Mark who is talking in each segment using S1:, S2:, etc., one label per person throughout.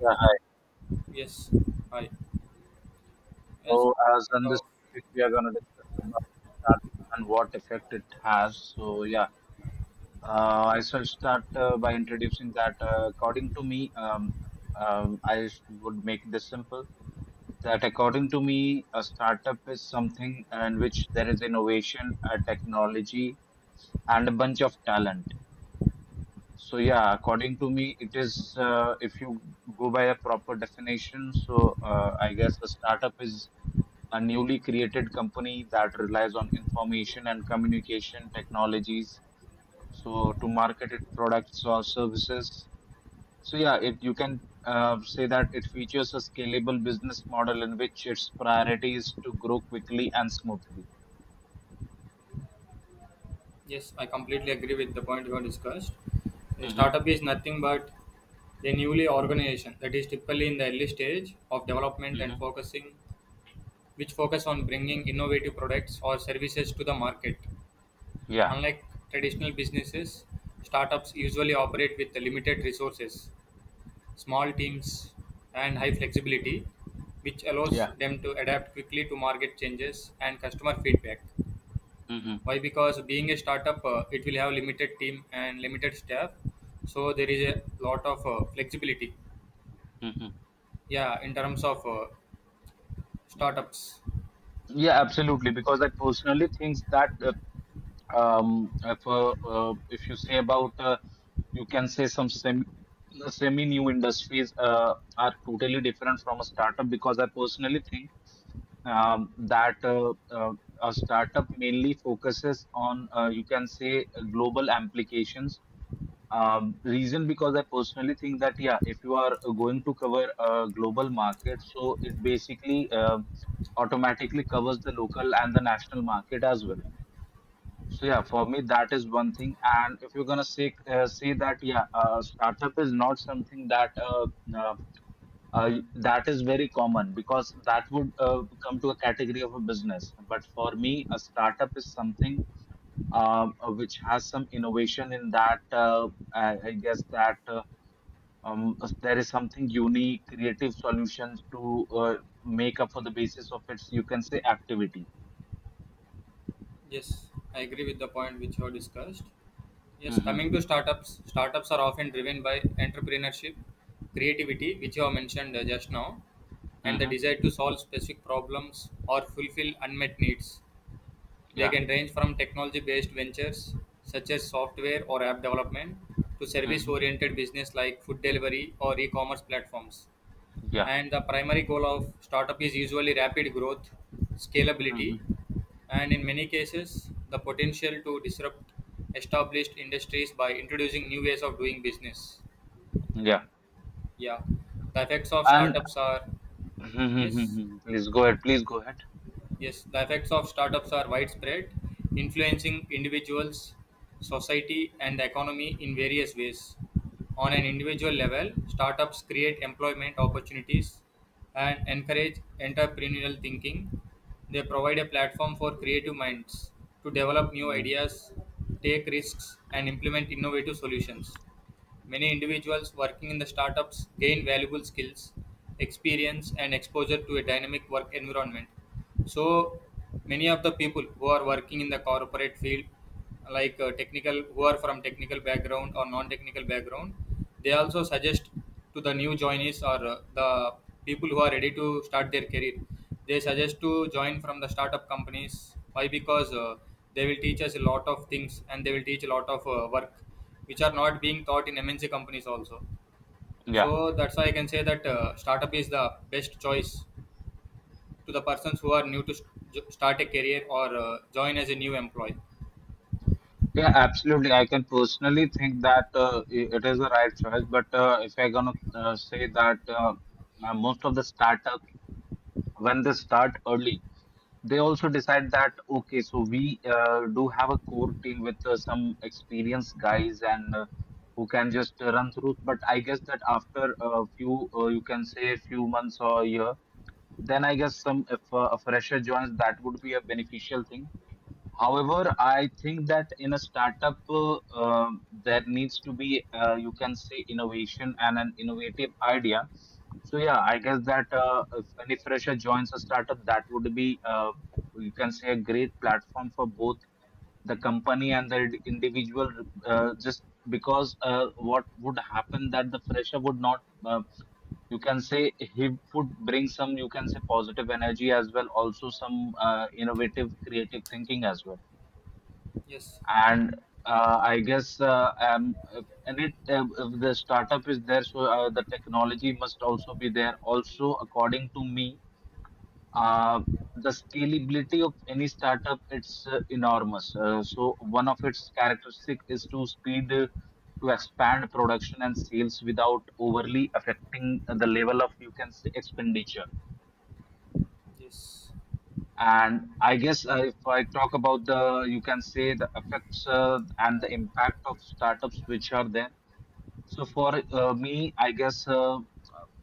S1: Yeah, hi.
S2: Yes, I yes,
S1: So, as on this
S2: top.
S1: topic, we are going to discuss about startup and what effect it has. So, yeah, I shall start by introducing that. According to me, I would make this simple. That, according to me, a startup is something in which there is innovation, technology, and a bunch of talent. So, yeah, according to me, it is. If you go by a proper definition, so I guess a startup is a newly created company that relies on information and communication technologies, so to market its products or services. So yeah, it you can say that it features a scalable business model in which its priority is to grow quickly and smoothly.
S2: Yes, I completely agree with the point you have discussed. A
S1: Mm-hmm.
S2: startup is nothing but a newly organization that is typically in the early stage of development
S1: Mm-hmm.
S2: and focusing, which focus on bringing innovative products or services to the market.
S1: Yeah,
S2: Unlike traditional businesses, startups usually operate with limited resources, small teams, and high flexibility, which allows
S1: yeah.
S2: them to adapt quickly to market changes and customer feedback.
S1: Mm-hmm.
S2: Why? Because being a startup, it will have limited team and limited staff, so there is a lot of flexibility.
S1: Mm-hmm.
S2: Yeah, in terms of startups.
S1: Yeah, absolutely, because I personally think that if you say about, you can say, some semi new industries are totally different from a startup, because I personally think that a startup mainly focuses on, you can say, global applications. Reason, because I personally think that, yeah, if you are going to cover a global market, so it basically automatically covers the local and the national market as well. So yeah, for me that is one thing. And if you're gonna say that yeah, startup is not something that uh, that is very common, because that would come to a category of a business. But for me, a startup is something which has some innovation in that. I guess that. There is something unique, creative solutions to make up for the basis of its, you can say, activity.
S2: Yes, I agree with the point which you have discussed. Yes,
S1: Mm-hmm.
S2: coming to startups, startups are often driven by entrepreneurship, creativity, which you have mentioned just now, and the
S1: Mm-hmm.
S2: desire to solve specific problems or fulfill unmet needs. They
S1: Yeah.
S2: can range from technology-based ventures such as software or app development to
S1: Mm-hmm.
S2: service-oriented business like food delivery or e-commerce platforms. And the primary goal of startup is usually rapid growth,
S1: Yeah.
S2: scalability, and in many cases, the potential to disrupt established industries by introducing new ways of doing business.
S1: Yeah,
S2: Yeah, the effects of
S1: and
S2: startups are, yes.
S1: please go ahead. Please go ahead.
S2: Yes, the effects of startups are widespread, influencing individuals, society, and the economy in various ways. On an individual level, startups create employment opportunities and encourage entrepreneurial thinking. They provide a platform for creative minds to develop new
S1: Mm.
S2: ideas, take risks, and implement innovative solutions. Many individuals working in the startups gain valuable skills, experience, and exposure to a dynamic work environment. So, many of the people who are working in the corporate field, like technical, who are from technical background or non-technical background, they also suggest to the new joinees or the people who are ready to start their career. They suggest to join from the startup companies. Why? Because they will teach us a lot of things and they will teach a lot of work which are not being taught in MNC companies also.
S1: Yeah,
S2: So that's why I can say that startup is the best choice to the persons who are new to start a career or join as a new employee.
S1: yeah, absolutely. I can personally think that it is the right choice. But if I'm gonna say that most of the startups, when they start early, they also decide that okay, so we do have a core team with some experienced guys and who can just run through. But I guess that after a few, you can say, a few months or years, then I guess, some if a fresher joins, that would be a beneficial thing. However, I think that in a startup, there needs to be you can say innovation and an innovative idea. So yeah, I guess that if any fresher joins a startup, that would be, you can say, a great platform for both the company and the individual. Just because what would happen, that the fresher would not, uh, you can say, hip, would bring some, you can say, positive energy as well, also some innovative creative thinking as well.
S2: Yes,
S1: And I guess, if, and it if the startup is there, so the technology must also be there, also according to me, uh, the scalability of any startup, it's enormous, so one of its characteristic is to expand production and sales without overly affecting the level of, you can say, expenditure.
S2: yes.
S1: And I guess, if I talk about the, you can say, the effects and the impact of startups which are there. So for me, I guess,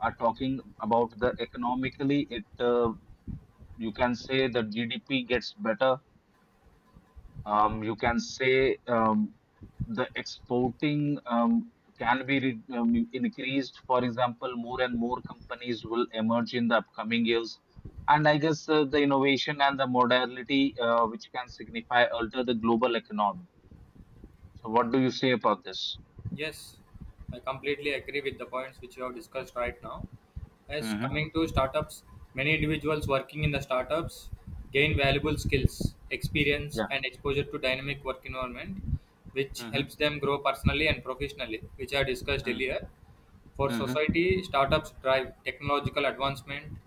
S1: are talking about the economically, it you can say, the GDP gets better, you can say, the exporting can be increased. For example, more and more companies will emerge in the upcoming years. And I guess the innovation and the modality which can signify alter the global economy. So, what do you say about this?
S2: Yes, I completely agree with the points which you have discussed right now. As
S1: Mm-hmm.
S2: coming to startups, many individuals working in the startups gain valuable skills, experience,
S1: Yeah.
S2: and exposure to dynamic work environment, which
S1: Mm-hmm.
S2: helps them grow personally and professionally, which I discussed earlier. For
S1: Mm-hmm.
S2: society, startups drive technological advancement,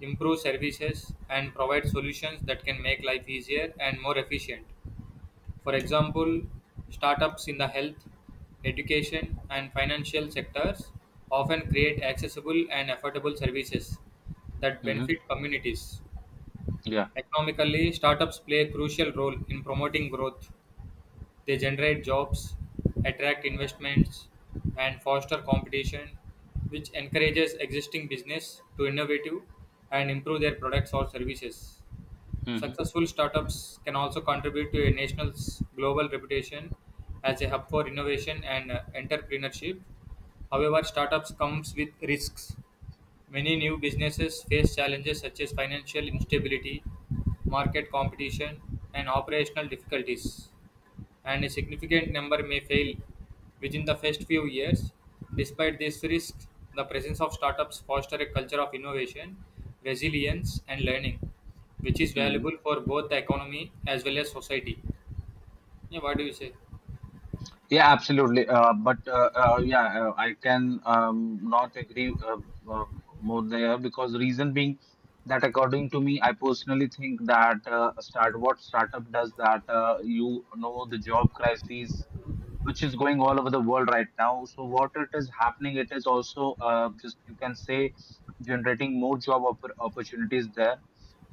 S2: improve services, and provide solutions that can make life easier and more efficient. For example, startups in the health, education, and financial sectors often create accessible and affordable services that
S1: Mm-hmm.
S2: benefit communities.
S1: Yeah.
S2: Economically, startups play a crucial role in promoting growth. They generate jobs, attract investments, and foster competition, which encourages existing business to innovate and improve their products or services. Successful startups can also contribute to a nation's global reputation as a hub for innovation and entrepreneurship. However, startups comes with risks. Many new businesses face challenges such as financial instability, market competition, and operational difficulties and a significant number may fail within the first few years. Despite these risks, the presence of startups foster a culture of innovation, resilience, and learning, which is
S1: Mm-hmm.
S2: valuable for both the economy as well as society. Yeah, what do you say?
S1: Yeah, absolutely. But yeah, I can not agree uh, more there, because reason being that, according to me, I personally think that start what startup does, that you know, the job crisis which is going all over the world right now. So what it is happening, it is also just, you can say, generating more job opportunities there.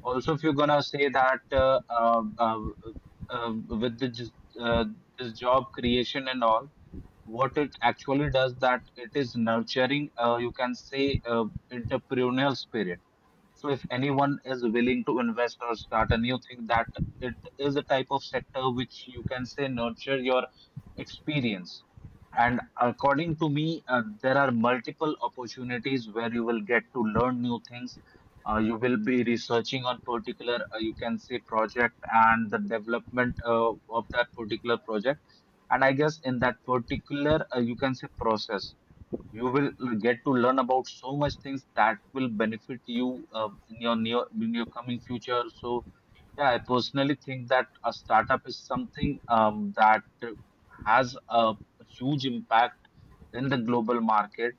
S1: Also, if you're gonna say that uh, with the just, uh, this job creation and all, what it actually does, that it is nurturing you can say, entrepreneurial spirit. So if anyone is willing to invest or start a new thing, that it is a type of sector which, you can say, nurture your experience. And according to me, there are multiple opportunities where you will get to learn new things. You will be researching on particular, you can say, project, and the development of that particular project. And I guess, in that particular, you can say, process, you will get to learn about so much things that will benefit you in your coming future. So yeah, I personally think that a startup is something that has a huge impact in the global market.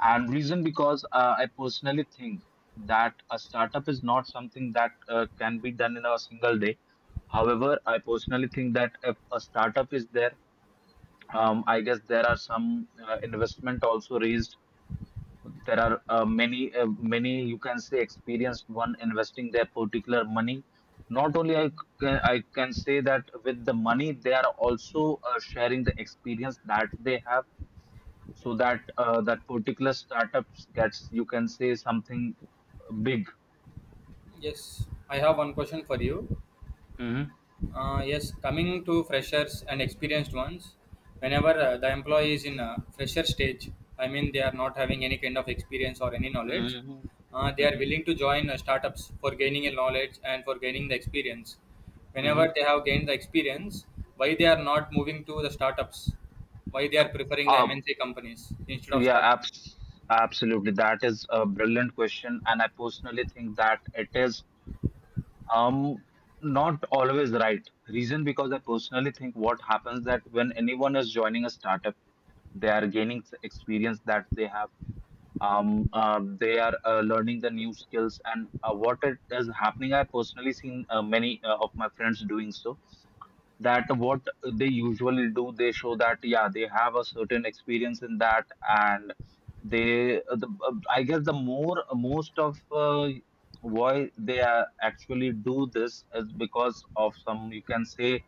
S1: And reason because I personally think that a startup is not something that can be done in a single day. However, I personally think that if a startup is there, I guess there are some investment also raised. There are many, you can say, experienced one investing their particular money. Not only I can say that with the money, they are also sharing the experience that they have, so that that particular startups gets, you can say, something big.
S2: Yes, I have one question for you.
S1: Mm-hmm.
S2: Yes, coming to freshers and experienced ones, whenever the employee is in a fresher stage, I mean they are not having any kind of experience or any knowledge,
S1: Mm-hmm.
S2: they are
S1: Mm-hmm.
S2: willing to join startups for gaining a knowledge and for gaining the experience.
S1: Mm-hmm.
S2: Whenever they have gained the experience, why they are not moving to the startups? Why they are preferring the
S1: Um,
S2: MNC companies instead of
S1: yeah,
S2: startups?
S1: absolutely. That is a brilliant question, and I personally think that it is. Um, Not always right. Reason because I personally think, what happens, that when anyone is joining a startup, they are gaining experience that they have. They are learning the new skills, and what it is happening. I personally seen many of my friends doing so, that what they usually do, they show that yeah, they have a certain experience in that. And they, I guess, the more most of, why they are actually do this, is because of some, you can say,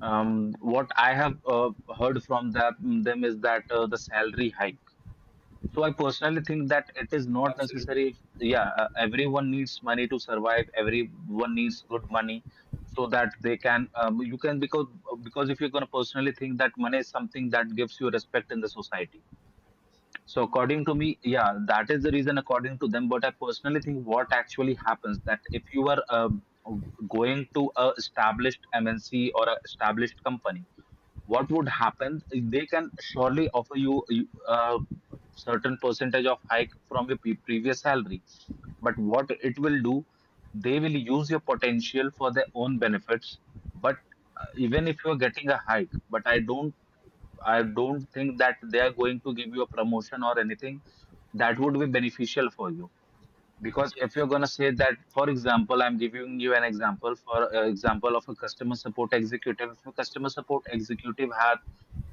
S1: what I have heard from that them is that the salary hike. So I personally think that it is not
S2: Absolutely.
S1: necessary. If, Yeah, everyone needs money to survive. Everyone needs good money so that they can. You can because if you're gonna personally think, that money is something that gives you respect in the society. So according to me, yeah, that is the reason, according to them. But I personally think what actually happens, that if you are, going to a established MNC or a established company, what would happen? They can surely offer you uh, certain percentage of hike from your previous salary. But what it will do, they will use your potential for their own benefits. But even if you are getting a hike, but I don't think that they are going to give you a promotion or anything that would be beneficial for you. Because if
S2: Yes.
S1: you're gonna say that, for example, I'm giving you an example. For example, of a customer support executive, if a customer support executive has,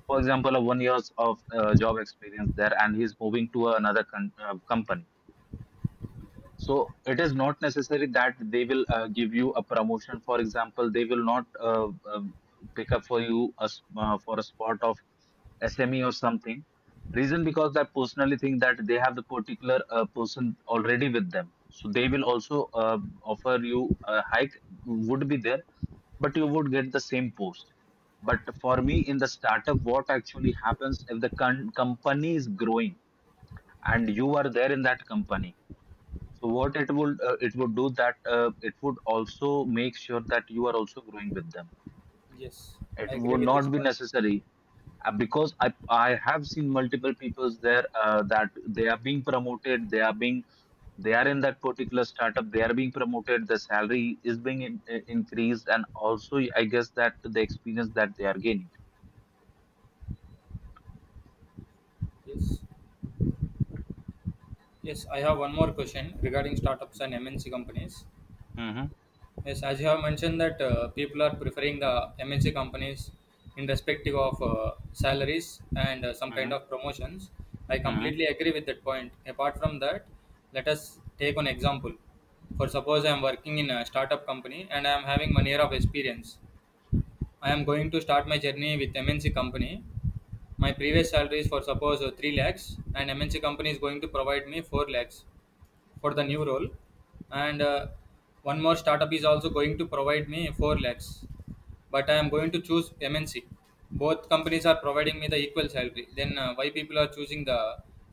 S1: for example, a 1 years of job experience there, and he's moving to another company. So it is not necessary that they will give you a promotion. For example, they will not pick up for you for a spot of SME or something. Reason because I personally think that they have the particular person already with them, so they will also offer you a hike, would be there, but you would get the same post. But for me, in the startup, what actually happens, if the company is growing and you are there in that company? So what it would do, that it would also make sure that you are also growing with them.
S2: Yes.
S1: It
S2: I agree
S1: would
S2: with this
S1: not be
S2: part.
S1: necessary, because I have seen multiple peoples there, that they are being promoted, they are in that particular startup, they are being promoted, the salary is being increased, and also I guess that the experience that they are gaining.
S2: Yes. Yes, I have one more question regarding startups and MNC companies.
S1: Mm-hmm,
S2: Yes, as you have mentioned that people are preferring the MNC companies in respective of salaries and some kind
S1: mm-hmm,
S2: of promotions. I completely agree with that point. Apart from that, let us take an example. For suppose I am working in a startup company and I am having 1 year of experience. I am going to start my journey with MNC company. My previous salary is for suppose 3 lakhs and MNC company is going to provide me 4 lakhs for the new role, and one more startup is also going to provide me 4 lakhs, but I am going to choose MNC. Both companies are providing me the equal salary. Then why people are choosing the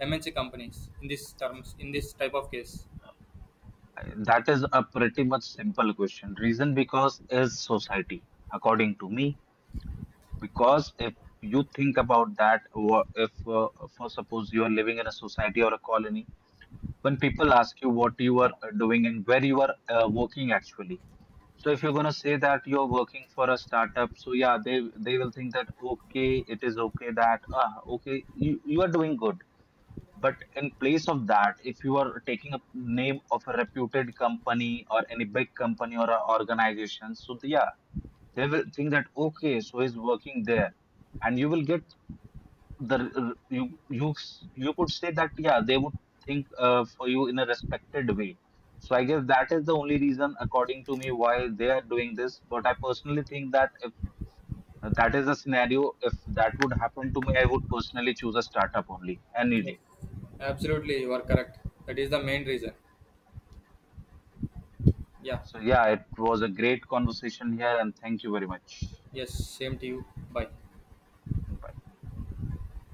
S2: MNC companies in this terms in this type of case?
S1: mm-hmm. That is a pretty much simple question. Reason because is society, according to me. Because if you think about that, or if for suppose you are living in a society or a colony, when people ask you what you are doing, and where you are working actually. So if you're gonna say that you're working for a startup, so yeah, they will think that okay, it is okay, that ah okay, you are doing good. But in place of that, if you are taking a name of a reputed company or any big company or a organization, so yeah, they will think that okay, so he's working there, and you will get the r- r- you s- you could say that yeah, they would think for you in a respected way. So I guess that is the only reason, according to me, why they are doing this. But I personally think that if that is a scenario, if that would happen to me, I would personally choose a startup only, any
S2: Yes,
S1: day.
S2: absolutely, you are correct. That is the main reason. Yeah.
S1: So, yeah, it was a great conversation here, and thank you very much.
S2: Yes. Same to you. Bye.
S1: Bye.